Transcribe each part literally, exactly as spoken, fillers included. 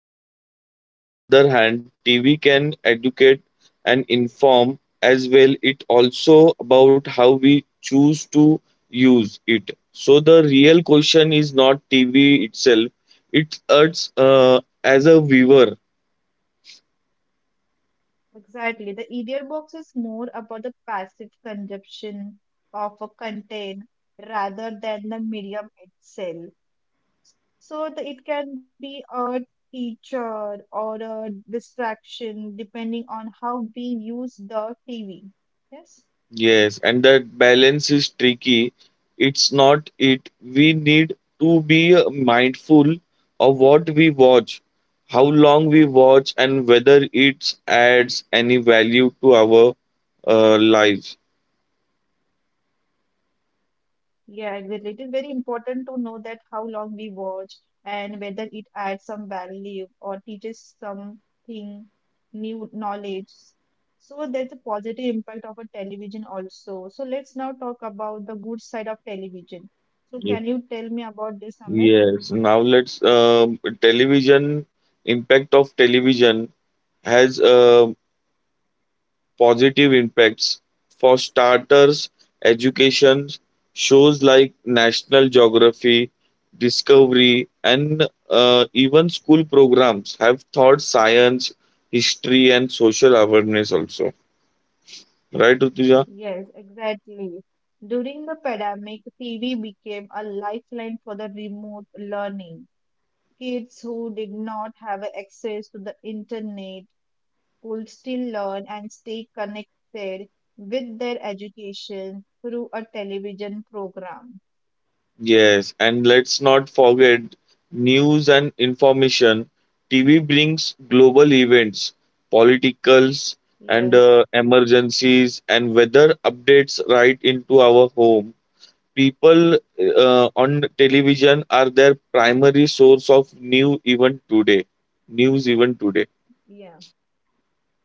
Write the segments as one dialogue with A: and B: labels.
A: But on the other hand, T V can educate and inform as well. It also about how we choose to use it. So the real question is not T V itself. It's us uh, as a viewer.
B: Exactly. The E D R box is more about the passive consumption of a content rather than the medium itself. So the, it can be a teacher or a distraction depending on how we use the T V. Yes.
A: Yes, and that balance is tricky. It's not it. We need to be uh, mindful of what we watch, how long we watch, and whether it adds any value to our uh, lives.
B: Yeah, exactly. It is very important to know that how long we watch and whether it adds some value or teaches something new knowledge. So there's a positive impact of a television also. So let's now talk about the good side of television. So can you
A: Ye-
B: tell me about this, Amit?
A: Yes. Now let's um television impact of television has uh, positive impacts. For starters, education shows like National Geography, Discovery, and uh, even school programs have taught science, history, and social awareness also. Right, Rutuja?
B: Yes, exactly. During the pandemic, T V became a lifeline for the remote learning. Kids who did not have access to the internet could still learn and stay connected with their education through a television program.
A: Yes, and let's not forget news and information. T V brings global events, politicals, and uh,
B: Yes,
A: emergencies and weather updates right into our home. People uh, on television are their primary source of new even today. News even today.
B: yeah,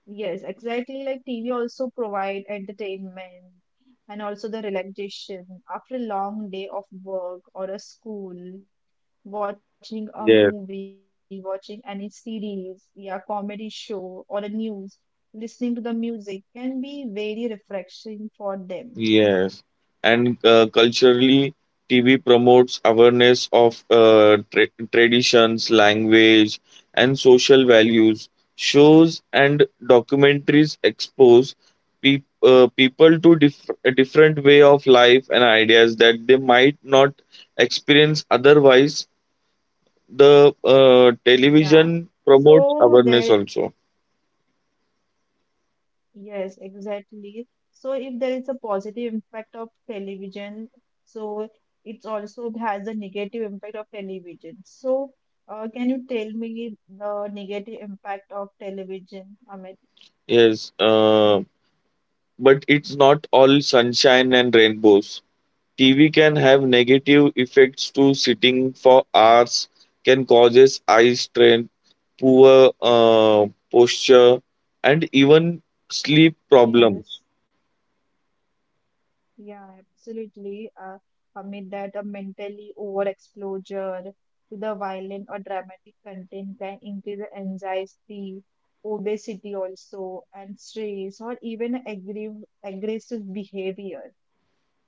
B: yes, exactly. Like T V also provide entertainment and also the relaxation after a long day of work or a school. Watching a movie,
A: Yes.
B: watching any series, yeah, comedy show or a news, listening to the music can be very refreshing for them.
A: Yes, and uh, culturally, T V promotes awareness of uh, tra traditions, language, and social values. Shows and documentaries expose peop uh, people to diff a different way of life and ideas that they might not experience otherwise. The uh,
B: Yeah.
A: television promotes
B: So there
A: awareness also.
B: Yes, exactly. So if there is a positive impact of television, so it also has a negative impact of television. So uh, can you tell me the negative impact of television, Amit?
A: Yes, uh, but it's not all sunshine and rainbows. T V can have negative effects too. Sitting for hours can causes eye strain, poor uh, posture, and even sleep problem.
B: Yes, yeah, absolutely. Uh, Amit, that a mentally overexposure to the violent or dramatic content can increase the anxiety, obesity also, and stress, or even aggressive aggressive behavior.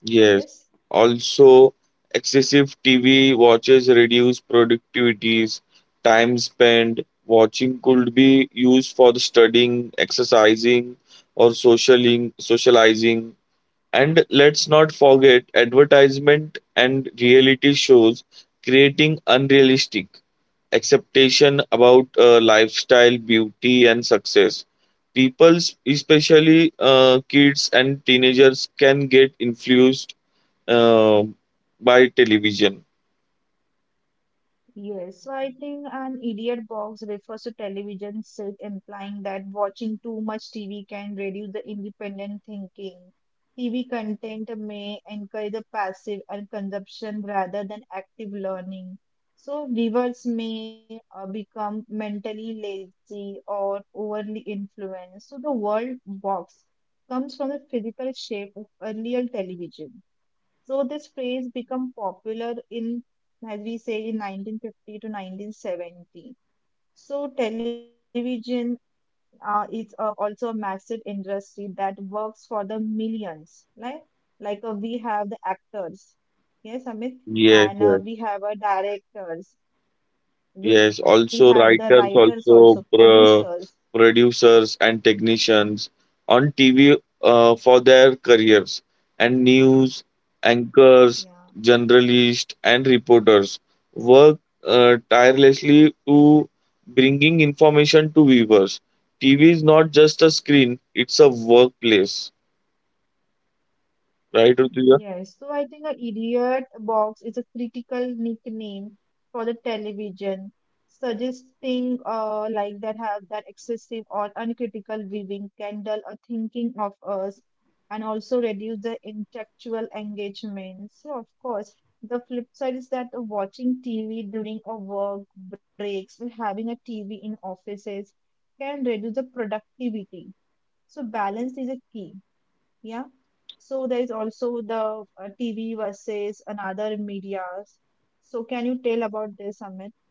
A: Yes.
B: Yes.
A: Also, excessive T V watches reduce productivities. Time spent watching could be used for the studying, exercising, or socialing, socializing. And let's not forget advertisement and reality shows creating unrealistic expectation about uh, lifestyle, beauty, and success. People, especially uh, kids and teenagers, can get influenced uh, by television.
B: Yes, so I think an idiot box refers to television set, implying that watching too much T V can reduce the independent thinking. T V content may encourage the passive and consumption rather than active learning. So viewers may uh, become mentally lazy or overly influenced. So the word box comes from the physical shape of earlier television. So this phrase became popular in, as we say, in nineteen fifty to nineteen seventy. So television uh, is uh, also a massive industry that works for the millions, right? Like uh, we have the actors, yes, Amit,
A: Yes,
B: and
A: yes,
B: uh, we have uh, directors, we have the
A: yes.
B: writers
A: Also,
B: also,
A: writers,
B: producers.
A: also pro producers and technicians on T V, uh, for their careers, and news
B: Yeah.
A: anchors, journalists, and reporters work uh, tirelessly to bringing information to viewers. T V is not just a screen; it's a workplace, right, Rutuja?
B: Yes, so I think a idiot box is a critical nickname for the television, suggesting uh, like that have that excessive or uncritical viewing can dull or thinking of us and also reduce the intellectual engagement. So of course, the flip side is that watching T V during a work breaks or having a T V in offices can reduce the productivity. So balance is a key. Yeah. So there is also the uh, T V versus another medias. So can you tell about this, Amit?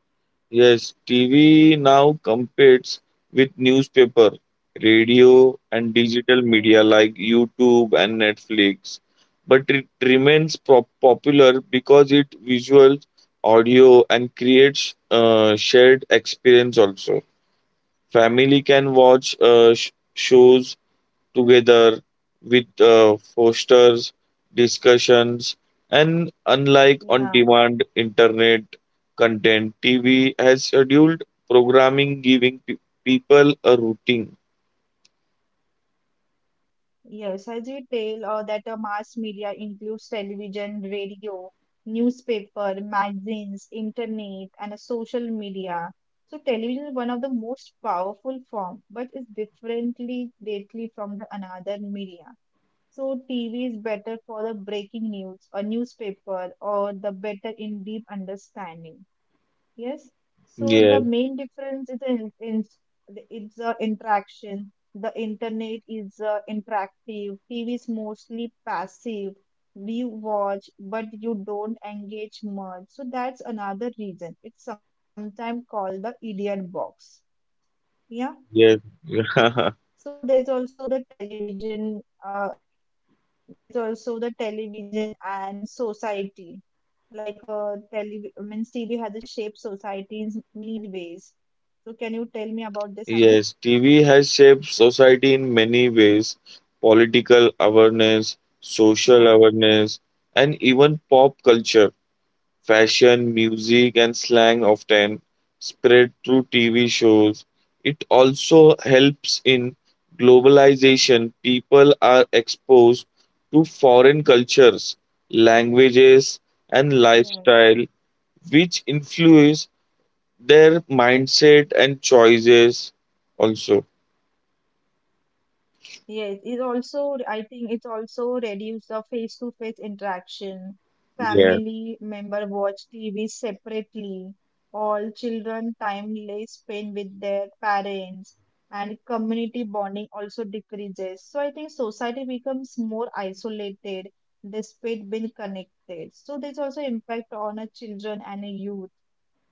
A: Yes, T V now competes with newspaper, radio, and digital media
B: Yes.
A: like YouTube and Netflix. But it remains pro- popular because it visual, audio, and creates uh, shared experience also. Family can watch uh, sh- shows together with uh, fosters discussions, and unlike on
B: Yeah.
A: demand internet content, TV has scheduled programming giving pe- people a routine.
B: Yes. As you tell uh, that uh, mass media includes television, radio, newspaper, magazines, internet, and uh, social media. So television is one of the most powerful form, but is differently greatly from the another media. So T V is better for the breaking news, a newspaper, or the better in deep understanding. Yes. So the
A: Yes,
B: main difference is in, in it's a interaction. The internet is uh, interactive. T V is mostly passive. You watch, but you don't engage much. So that's another reason. It's sometimes called the idiot box. Yeah.
A: yes.
B: So there's also the television. Uh, there's also the television and society. Like uh, tele- means T V has shaped society in many ways. So can you tell me about this, Amit?
A: Yes, TV has shaped society in many ways: political awareness,
B: Yeah.
A: social awareness, and even pop culture. Fashion, music, and slang often spread through T V shows. It also helps in globalization. People are exposed to foreign cultures, languages, and
B: Yes.
A: lifestyle, which influence their mindset and choices also.
B: Yes, it also, I think it also reduce the face-to-face interaction.
A: Yeah.
B: Family member watch T V separately. All children timely spend with their parents, and community bonding also decreases. So I think society becomes more isolated despite being connected. So there's also impact on a children and a youth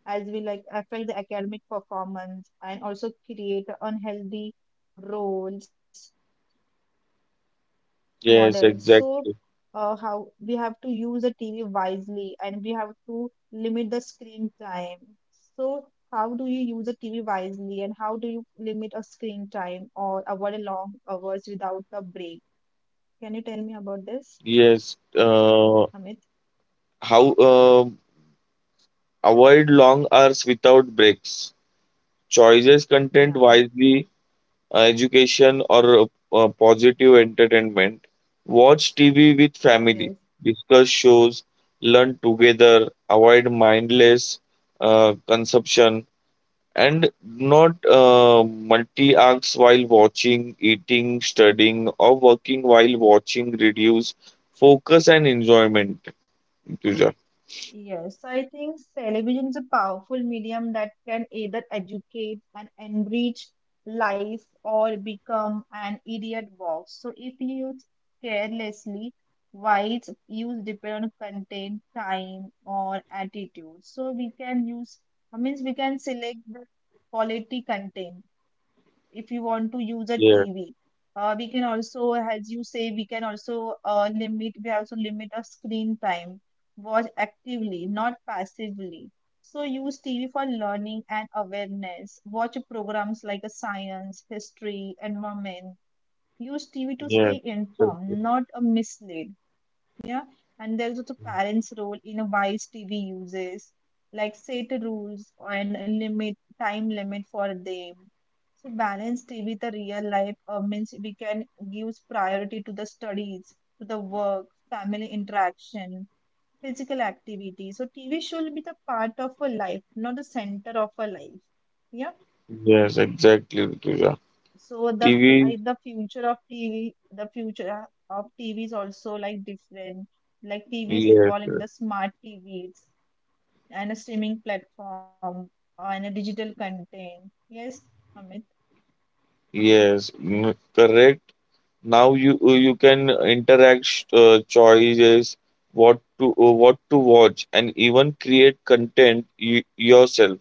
B: as we like affect the academic performance and also create unhealthy roles models. So uh, how we
A: Yes,
B: have to use the
A: exactly.
B: TV wisely and we have to limit the screen time. So how do you use the TV wisely and how do you limit a screen time or avoid a long hours without a break? Can you tell me about this,
A: Yes.
B: Amit?
A: Uh, how uh, avoid long hours without breaks. Choices content
B: Yeah.
A: wisely, uh, education, or uh, positive entertainment. Watch T V with family,
B: Yes.
A: discuss shows, learn together, avoid mindless uh, consumption, and not uh, multi acts while watching, eating, studying, or working while watching, reduce focus and enjoyment. Tuja.
B: Yes, I think television is a powerful medium that can either educate and enrich life or become an idiot box. So if used carelessly, while its use depend on content, time, or attitude. So we can use, I means we can select the quality content if you want to use a
A: Yes,
B: T V. Uh, we can also, as you say, we can also uh, limit, we also limit our screen time. Watch actively, not passively. So use T V for learning and awareness. Watch programs like a science, history, environment. Use T V to
A: yes,
B: stay
A: exactly.
B: informed, not a misled. Yeah. And there's also parents' role in a wise T V uses, like set rules and a limit time limit for them. So balance T V with the real life uh, means we can give priority to the studies, to the work, family interaction, physical activity. So T V should be the part of a life, not the center of a life. Yeah.
A: Yes, exactly, Tuja.
B: So the fu-
A: T V,
B: I, the future of T V, the future of T V is also like different. Like T V is
A: yes,
B: involving the smart T Vs and a streaming platform and a digital content. Yes, Amit.
A: yes, mm, correct. Now you uh, you can interact uh, choices, what to uh, what to watch, and even create content y- yourself.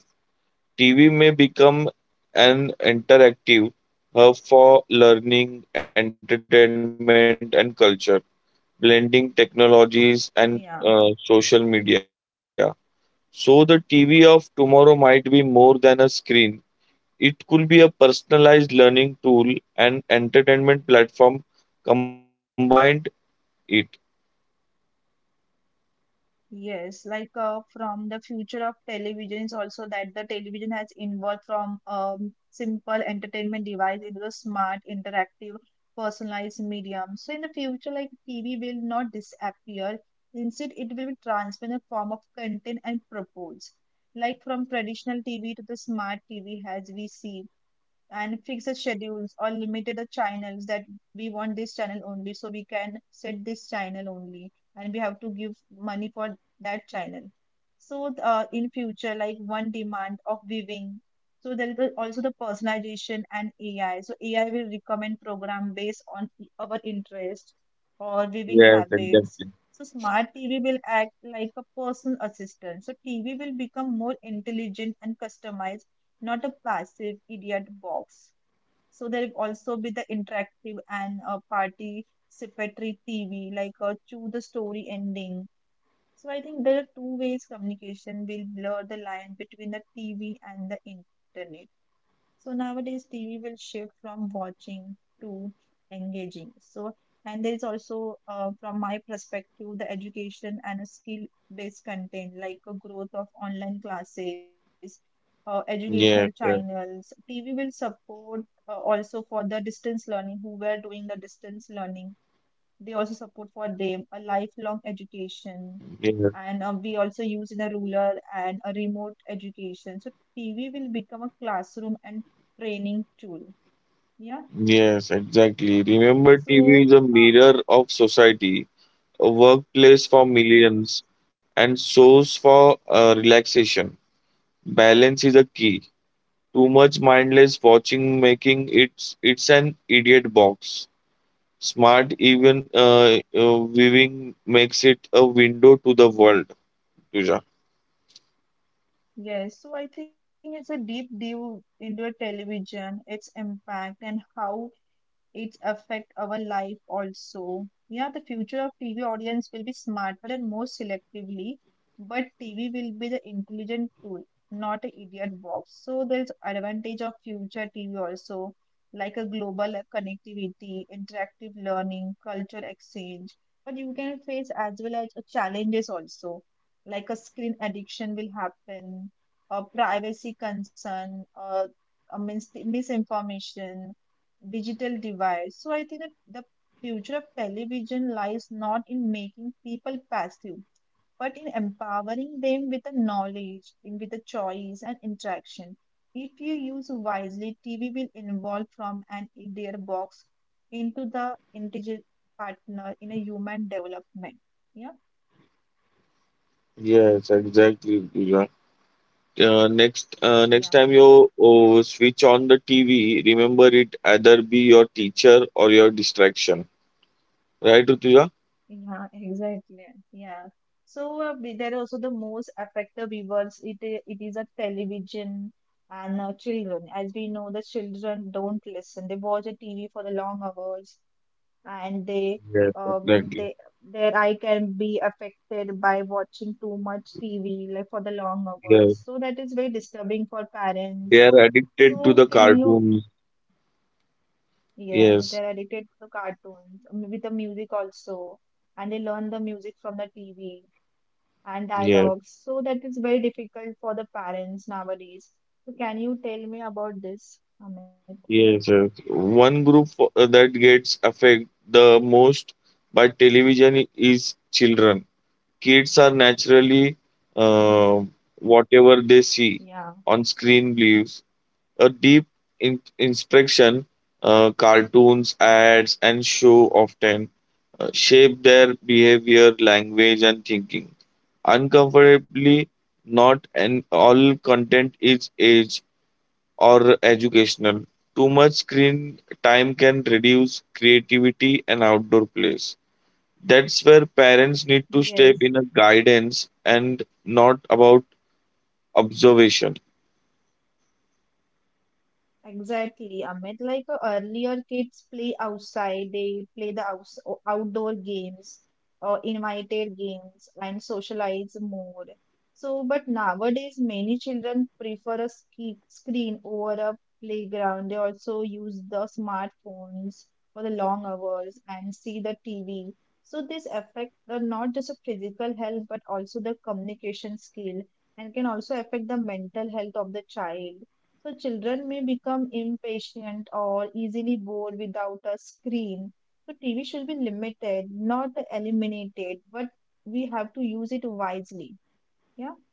A: T V may become an interactive hub for learning, entertainment, and culture, blending technologies and
B: Yeah.
A: uh, social media. So the T V of tomorrow might be more than a screen. It could be a personalized learning tool and entertainment platform combined it.
B: Yes, like uh, from the future of television is also that the television has evolved from um, simple entertainment device into a smart, interactive, personalized medium. So in the future, like T V will not disappear. Instead, it will be transformed in a form of content and purpose. Like from traditional T V to the smart T V, as we see, and fix the schedules or limited the channels that we want this channel only, so we can set this channel only and we have to give money for that channel. So uh, in future, like one demand of viewing. So there is the- also the personalization and A I. So A I will recommend program based on i- our interest or viewing
A: Yes,
B: habits. So
A: exactly.
B: smart T V will act like a personal assistant, so TV will become more intelligent and customized, not a passive idiot box. So there'll also be the interactive and uh, participatory T V, like uh, choose the story ending. So I think there are two ways communication will blur the line between the T V and the internet. So nowadays T V will shift from watching to engaging. So and there is also uh, from my perspective the education and a skill based content like a growth of online classes, uh, educational
A: Yes, yes,
B: channels. T V will support uh, also for the distance learning who were doing the distance learning. They also support for them a lifelong education,
A: yes,
B: and uh, we also use in a rural and a remote education. So T V will become a classroom and training tool. Yeah.
A: yes, exactly. Remember, T V is a
B: So uh,
A: mirror of society, a workplace for millions,
B: yes,
A: and source for uh, relaxation. Balance is a key. Too much mindless watching making it's it's an idiot box. Smart even uh, uh, viewing makes it a window to the world, Tuja.
B: yes. So I think it's a deep dive into a television, its impact, and how it affect our life also. Yeah, the future of T V audience will be smarter and more selectively, but T V will be the intelligent tool, not an idiot box. So there's advantage of future T V also, like a global connectivity, interactive learning, culture exchange. But you can face as well as challenges also, like a screen addiction will happen, a privacy concern, uh, uh, mis- misinformation, digital divide. So I think that the future of television lies not in making people passive, but in empowering them with the knowledge, in- with the choice and interaction. If you use wisely, T V will evolve from an idea box into the integral partner in a human development. Yeah,
A: Yes, exactly. Uh, next, uh, next time
B: yeah.
A: you oh, switch on the T V, remember it either be your teacher or your distraction. Right, Rutuja?
B: Yeah, exactly. Yeah. So uh, we- there are also the most affected viewers. It i- it is a television and uh, children. As we know, the children don't listen. They watch the T V for the long hours, and they
A: Yes,
B: um and
A: exactly.
B: they their eye can be affected by watching too much T V like for the long hours.
A: Yes.
B: So that is very disturbing for
A: They
B: parents.
A: are addicted to
B: So
A: the
B: can you
A: cartoons.
B: Yes,
A: Yes,
B: they're addicted to the cartoons um, with the music also, and they learn the music from the T V and
A: yes,
B: dialogues. So that is very difficult for the parents nowadays. So can you tell me about this, Amit?
A: yes, yes. One group fo- uh, that gets affected the most by television i- is children. Kids are naturally uh,
B: Yeah.
A: whatever they see on screen believes a deep in- inspection, uh, cartoons, ads, and show often uh, shape their behavior, language, and thinking. Uncomfortably, not an all content is age or educational. Too much screen time can reduce creativity and outdoor plays. That's where parents need to step in a
B: Yes.
A: guidance and not about observation.
B: Exactly, Amit. Like uh, earlier, kids play outside, they play the outs o- outdoor games or invited games and socialize more. So, but nowadays, many children prefer a ski screen over a playground. They also use the smartphones for the long hours and see the T V. So, this affect the, not just the physical health, but also the communication skill, and can also affect the mental health of the child. So children may become impatient or easily bored without a screen. So T V should be limited, not eliminated, but we have to use it wisely. Yeah.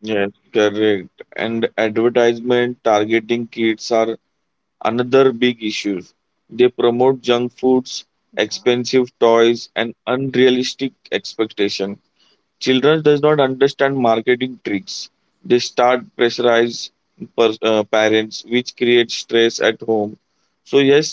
A: Yes, correct. And advertisement targeting kids are another big issue. They promote junk foods,
B: Yeah.
A: expensive toys, and unrealistic expectation. Children does not understand marketing tricks. They start pressurize per, uh, parents, which creates stress at home.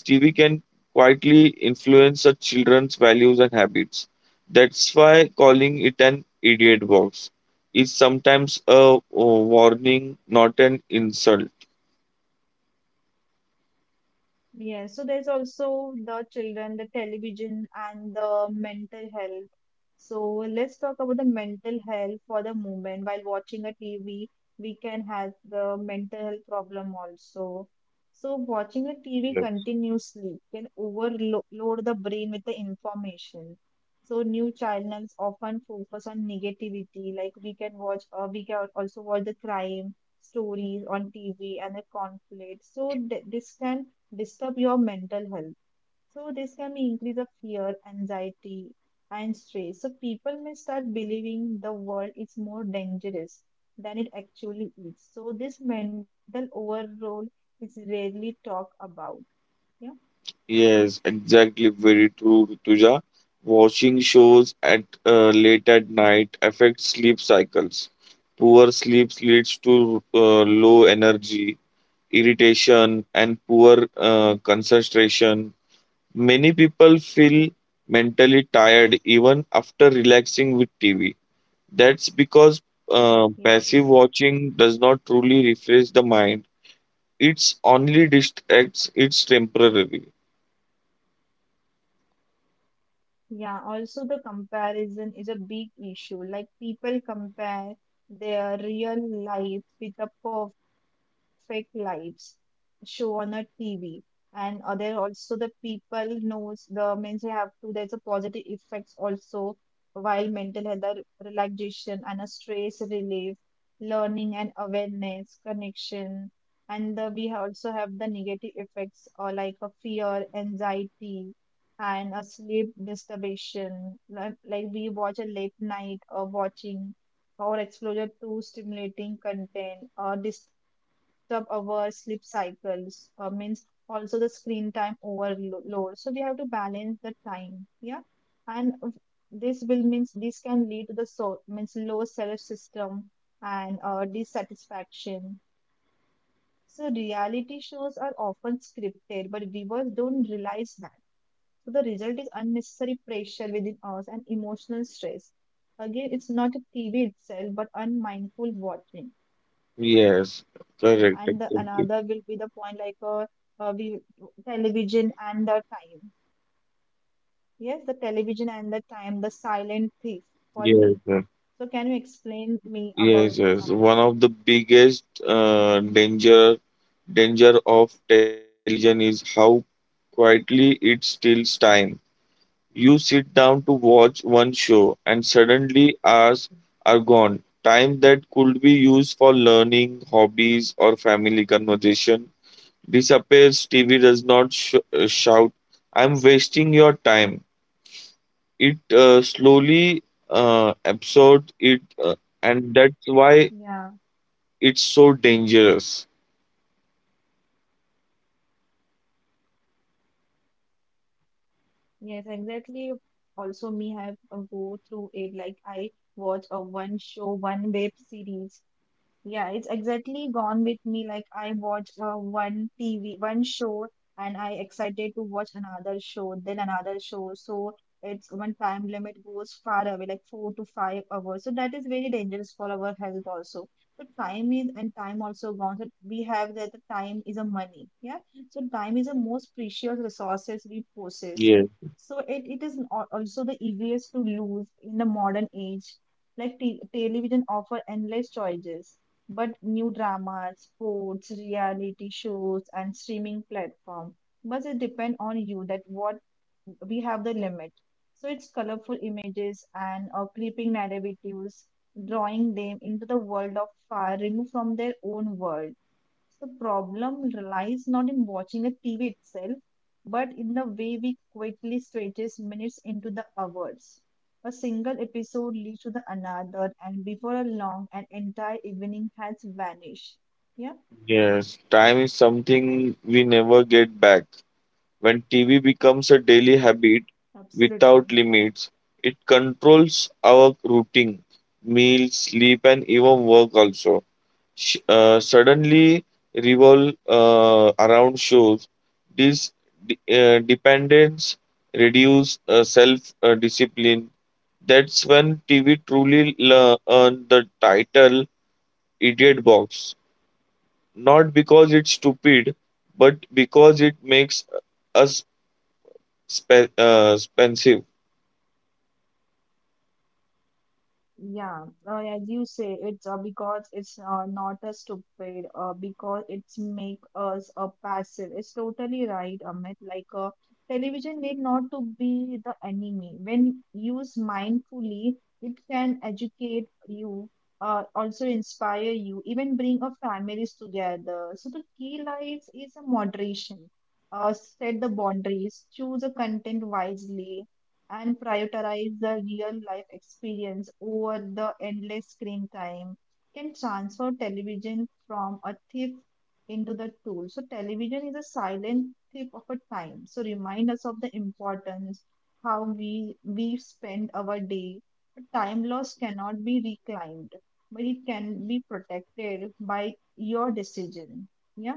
A: So, yes, T V can quietly influence such children's values and habits. That's why calling it an idiot box is sometimes a, a warning, not an insult.
B: Yes, so there's also the children, the television, and the mental health. So let's talk about the mental health for the moment. While watching a T V, we can have the mental health problem also. So watching a T V continuously
A: Yes.
B: can overload the brain with the information. So new channels often focus on negativity. Like we can watch, uh, we can also watch the crime stories on T V and the conflict. So th this can disturb your mental health. So this can be increase of fear, anxiety, and stress. So people may start believing the world is more dangerous than it actually is. So this mental overload is rarely talked about. Yeah.
A: Yes, exactly. Very true, Rituja. Watching shows at uh, late at night affects sleep cycles. Poor sleep leads to uh, low energy, irritation, and poor uh, concentration. Many people feel mentally tired even after relaxing with T V. That's because uh, passive
B: Yes.
A: watching does not truly refresh the mind. It's only distracts. It's temporary.
B: Yeah, also the comparison is a big issue. Like people compare their real life with the perfect lives show on a T V. And uh, there also the people knows the means they have to there's a positive effects also while mental health are relaxation and a stress relief, learning and awareness, connection. And the we also have the negative effects or like a fear, anxiety and a sleep disturbation. Like, like we watch a late night or watching or exposure to stimulating content or disturb our sleep cycles uh, means also the screen time overload. So we have to balance the time. Yeah. And uh, this will means this can lead to the so means low self system and uh, dissatisfaction. So reality shows are often scripted, but viewers don't realize that so the result is unnecessary pressure within us and emotional stress. Again, it's not a T V itself, but unmindful watching.
A: Yes,
B: And the,
A: correct.
B: another will be the
A: Exactly.
B: point like uh, uh, we television and the time. Yes, the television and the time, the silent thief for
A: Yes,
B: me.
A: sir.
B: So can you explain me
A: Yes,
B: about
A: yes.
B: this,
A: One
B: Amit?
A: of the biggest uh, danger danger of television is how quietly it steals time. You sit down to watch one show, and suddenly hours are gone. Time that could be used for learning, hobbies, or family conversation disappears. T V does not sh- uh, shout, I'm wasting your time. It uh, slowly uh, absorbs it, uh, and that's why
B: Yeah,
A: it's so dangerous.
B: yes, exactly. Also, me have uh, go through it. Like I watch a one show, one web series. Yeah, it's exactly gone with me. Like I watch uh, one T V, one show, and I excited to watch another show, then another show. So it's when time limit goes far away, like four to five hours. So that is very dangerous for our health also. So time is and time also gone. So we have that the time is a money. Yeah. So time is the most precious resources we possess.
A: Yes,
B: So it, it is al- also the easiest to lose in the modern age like t- television offer endless choices, but new dramas, sports, reality shows, and streaming platform. But it depend on you that what we have the limit. So it's colorful images and uh, clipping narratives, drawing them into the world of far removed from their own world. The problem lies not in watching a T V itself, but in the way we quickly stretches minutes into the hours. A single episode leads to the another, and before long, an entire evening has vanished. Yeah,
A: yes. Time is something we never get back. When T V becomes a daily habit
B: absolutely.
A: without limits, it controls our routine, meals, sleep, and even work also. Sh- uh, suddenly revolve uh, around shows. This de- uh, dependence reduce uh, self uh, discipline. That's when T V truly le- earned the title "Idiot Box." Not because it's stupid, but because it makes uh, us Spe- uh, expensive.
B: Yeah, uh, as you say, it's uh, because it's uh, not a stupid, uh, because it's make us a passive. It's totally right, Amit. Like uh, television need not to be the enemy. When used mindfully, it can educate you, uh, also inspire you, even bring our families together. So the key lies is a moderation. Uh, set the boundaries, choose the content wisely, and prioritize the real life experience over the endless screen time can transfer television from a thief into the tool. So, television is a silent thief of a time. So, remind us of the importance how we we spend our day. But Time loss cannot be reclaimed, but it can be protected by your decision. Yeah.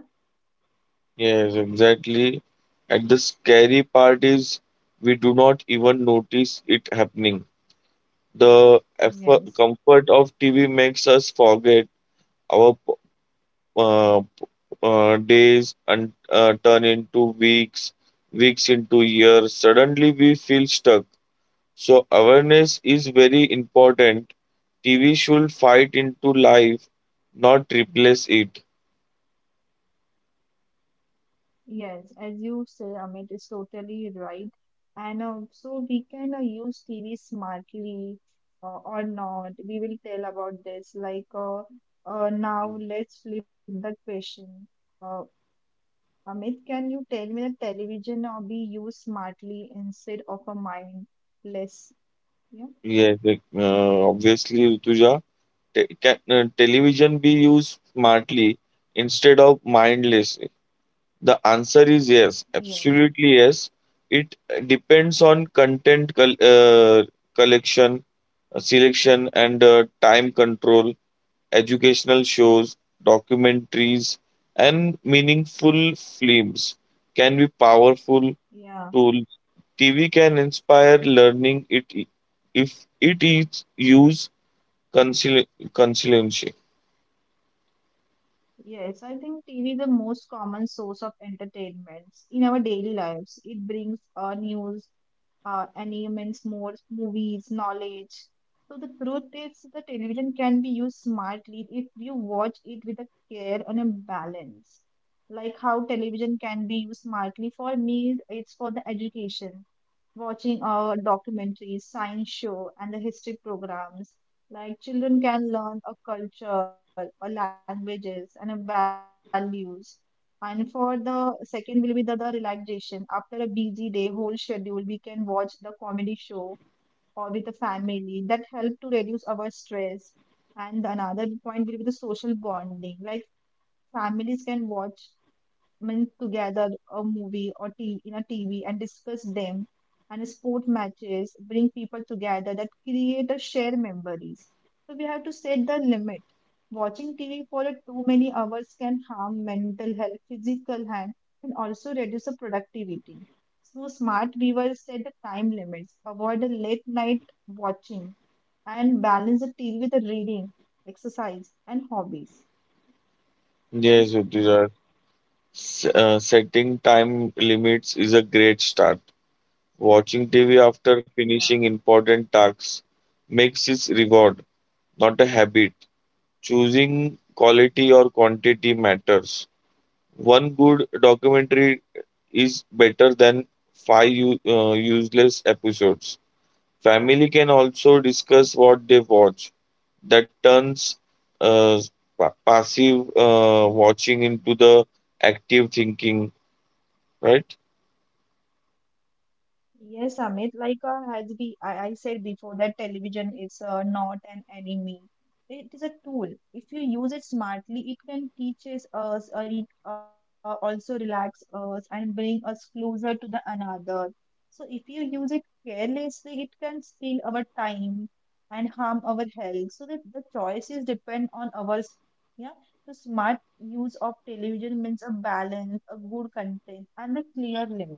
A: Yes, exactly. And the scary part is we do not even notice it happening. The effort,
B: Yes.
A: comfort of T V makes us forget our p- uh, p- uh, days and uh, turn into weeks, weeks into years. Suddenly we feel stuck. So awareness is very important. T V should fight into life, not replace it.
B: Yes, as you say, Amit is totally right. And uh, so we can uh, use T V smartly uh, or not. We will tell about this. Like uh, uh, now, let's flip the question. Uh, Amit, can you tell me that television uh, be used smartly instead of a mindless? Yeah.
A: Yes, like, uh, obviously, Rutuja. te- can, uh, television be used smartly instead of mindlessly? The answer is yes,
B: Yes.
A: absolutely yes. It depends on content col- uh, collection, uh, selection, and uh, time control, educational shows, documentaries, and meaningful films can be powerful
B: Yeah.
A: tool. T V can inspire learning it if it is used consili- conscientiously.
B: Yes. I think T V is the most common source of entertainments in our daily lives. It brings uh, news uh, entertainments, more movies, knowledge. So the truth is, the television can be used smartly if you watch it with a care and a balance. Like how television can be used smartly for me, it's for the education watching our documentaries, science show, and the history programs. Like children can learn a culture, or languages, and a values. And for the second will be the, the relaxation. After a busy day, whole schedule, we can watch the comedy show or with the family that help to reduce our stress. And another point will be the social bonding. Like families can watch mean, together a movie or T V in a T V and discuss them and sport matches bring people together that create a shared memories. So we have to set the limit. Watching T V for a too many hours can harm mental health, physical health, and also reduce the productivity. So smart viewers set the time limits, avoid the late night watching, and balance the T V with the reading, exercise, and hobbies.
A: Yes,
B: Yes.
A: Rutuja. S- uh, setting time limits is a great start. Watching T V after finishing
B: Yeah.
A: important tasks makes it reward, not a habit. Choosing quality or quantity matters. One good documentary is better than five u- uh, useless episodes. Family can also discuss what they watch. That turns uh, pa- passive uh, watching into the active thinking, right?
B: Yes, Amit, like uh, as be I, I said before that television is uh, not an enemy. It is a tool. If you use it smartly, it can teaches us or it uh, also relax us and bring us closer to the another. So if you use it carelessly, it can steal our time and harm our health. So that the choices depend on ours. Yeah. So smart use of television means a balance, a good content, and a clear limit.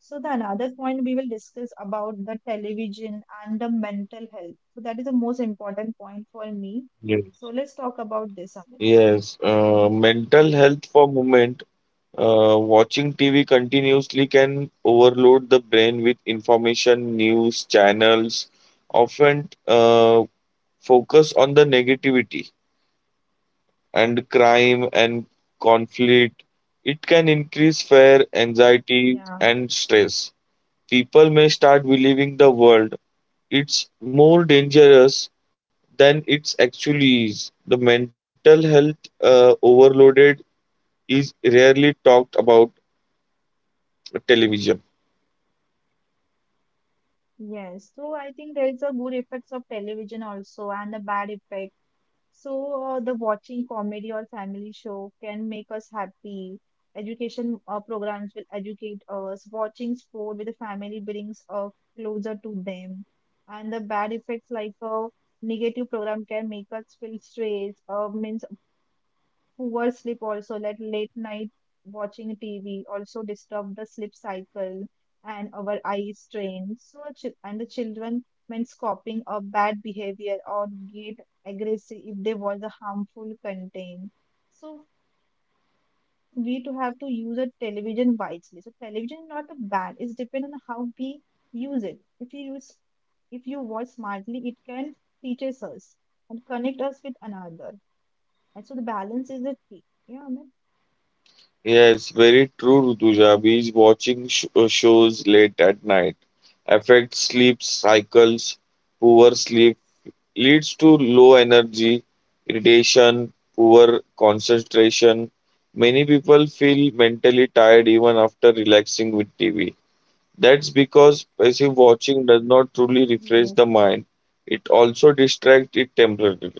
B: So the another point we will discuss about the television and the mental health. So that is the most important point for me.
A: Yes.
B: So let's talk about this, Amit.
A: Yes, uh, mental
B: Yeah.
A: health for movement. Uh, watching T V continuously can overload the brain with information, news channels, often uh, focus on the negativity and crime and conflict. It can increase fear, anxiety,
B: Yeah.
A: and stress. People may start believing the world it's more dangerous than it's actually is. The mental health uh, overloaded is rarely talked about television.
B: Yes. So I think there is a good effects of television also and the bad effect. So, uh, the watching comedy or family show can make us happy. Education uh, programs will educate us. Watching sport with the family brings us closer to them. And the bad effects like a negative program can make us feel stressed, uh, means poor sleep also, like late night watching T V also disturb the sleep cycle and our eye strain. So, chi- and the children means copying a bad behavior or get aggressive if they watch the harmful content, so we to have to use a television wisely, so television is not a bad, it's depend on how we use it, if you use if you watch smartly it can teaches us and connect us with another, and so the balance is the key. Yeah, man.
A: Yes, very true, Rutuja. Binge watching sh- uh, shows late at night affects sleep cycles. Poor sleep leads to low energy, irritation, poor concentration. Many people feel mentally tired even after relaxing with T V. That's because passive watching does not truly
B: Yes.
A: refresh the mind. It also distracts it temporarily.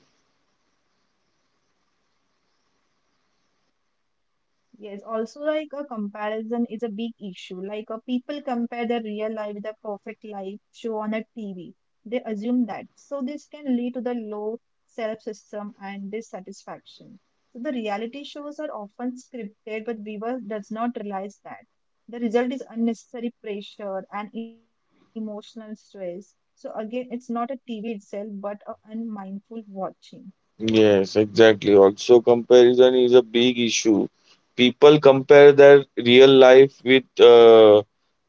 B: Yes, also like a comparison is a big issue. Like uh, people compare their real life with the perfect life show on a T V. They assume that. So this can lead to the low self-esteem and dissatisfaction. So the reality shows are often scripted, but viewer does not realize that. The result is unnecessary pressure and emotional stress. So again, it's not a T V itself, but a unmindful watching. Yes.
A: Yes, exactly. Also, comparison is a big issue. People compare their real life with uh,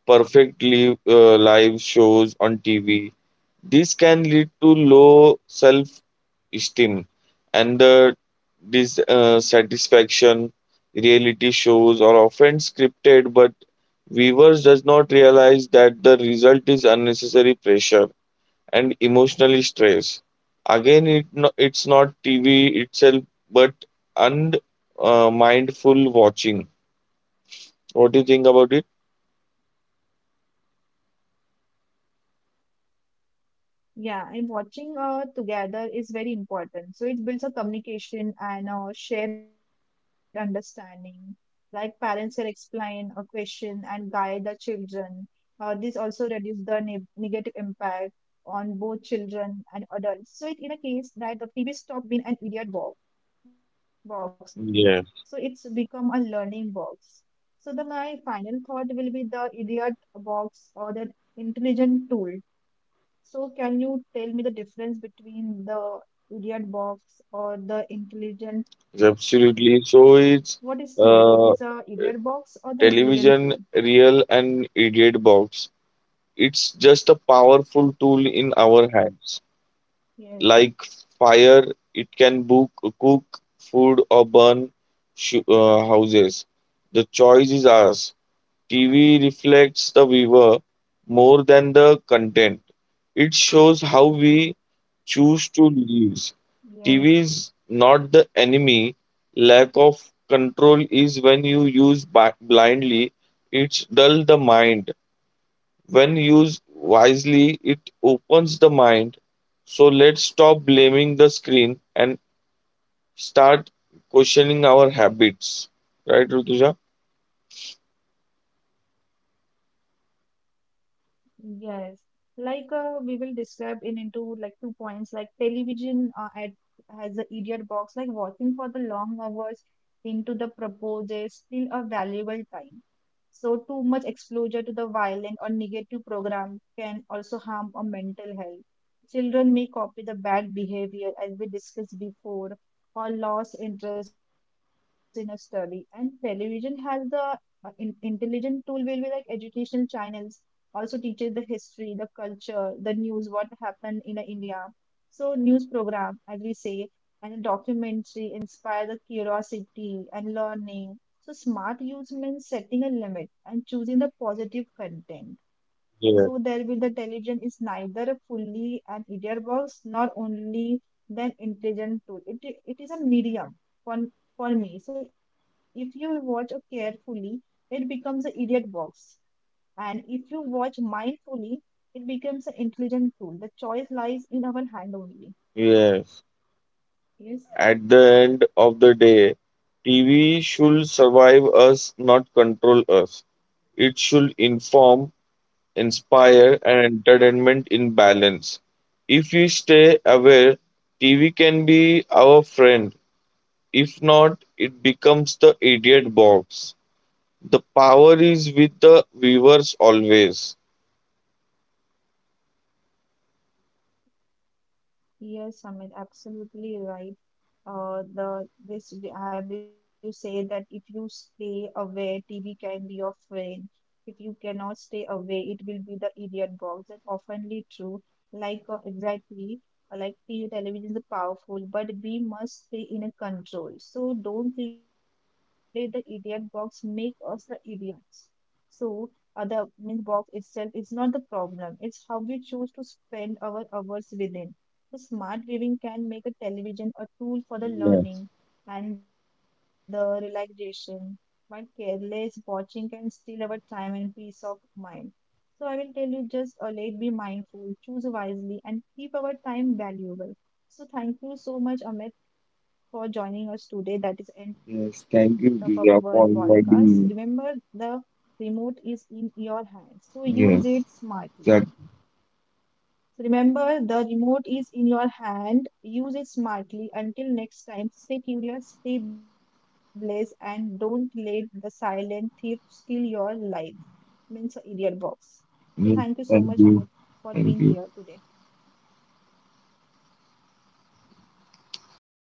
A: perfect live, uh, live shows on T V. This can lead to low self-esteem and the dissatisfaction. Reality shows are often scripted, but viewers does not realize that the result is unnecessary pressure and emotionally stressed. Again, it no, it's not T V itself, but and uh, mindful watching. What do you think about it?
B: Yeah, and watching uh, together is very important. So it builds a communication and uh, shared understanding. Like parents can explain a question and guide the children. Uh, this also reduces the ne- negative impact on both children and adults. So it in a case that the T V stopped being an idiot box, box, so
A: Yeah,
B: it's become a learning box. So the my final thought will be the idiot box or the intelligent tool, so, can you tell me the difference between the idiot box or the intelligent tool?
A: absolutely.
B: What is
A: So
B: T V? It
A: it's
B: is a idiot
A: uh,
B: box or the intelligent tool?
A: television, real and idiot box. It's just a powerful tool in our hands.
B: Yes,
A: Like fire, it can book, cook food or burn sh- uh, houses. The choice is ours. T V reflects the viewer more than the content. It shows how we choose to live.
B: yes.
A: T V is not the enemy. Lack of control is when you use bi- blindly, it dull the mind. When used wisely, it opens the mind. So let's stop blaming the screen and start questioning our habits. Right, Rutuja?
B: Yes, like uh, we will describe in into like two points. Like television uh, at has the idiot box. Like watching for the long hours into the proposes still a valuable time. So too much exposure to the violent or negative program can also harm a mental health. Children may copy the bad behavior as we discussed before, or lost interest in a study. And television has the uh, in intelligent tool will be like educational channels also teaches the history, the culture, the news, what happened in the India. So news program, as we say, and a documentary inspire the curiosity and learning. So smart use means setting a limit and choosing the positive content.
A: Yeah.
B: So there will the television is neither a fully an idiot box nor only than intelligent tool. It, it is a medium for, for me. So if you watch it carefully, it becomes an idiot box and if you watch mindfully, it becomes an intelligent tool. The choice lies in our hand only.
A: Yes.
B: Yes,
A: At the end of the day, T V should survive us, not control us. It should inform, inspire, and entertainment in
B: yes.
A: balance. If we stay aware, T V can be our friend. If not, it becomes the idiot box. The power is with the viewers always.
B: Yes, Amit, absolutely right. Uh, the this I will say that if you stay away, T V can be your friend. If you cannot stay away, it will be the idiot box. That's oftenly true. Like uh, exactly uh, like T V television is powerful, but we must stay in a control. So don't let the idiot box make us the idiots. So uh, the means box itself is not the problem. It's how we choose to spend our hours within the smart viewing can make a television a tool for the
A: Yes,
B: learning and the relaxation, while careless watching can steal our time and peace of mind. So I will tell you just uh, let be mindful, choose wisely, and keep our time valuable. So thank you so much, Amit, for joining us today. That is end of
A: yes. Thank
B: our
A: you, Diya,
B: podcast.
A: for
B: Remember,
A: inviting me.
B: the remote is in your hands, so use it
A: Yes,
B: smartly.
A: that,
B: Remember, the remote is in your hand. Use it smartly. Until next time, stay curious, stay blessed, and don't let the silent thief steal your life. Means a idiot box. So thank you
A: yes.
B: so much,
A: Thank
B: Amit,
A: you.
B: for being
A: Thank
B: here
A: you.
B: today.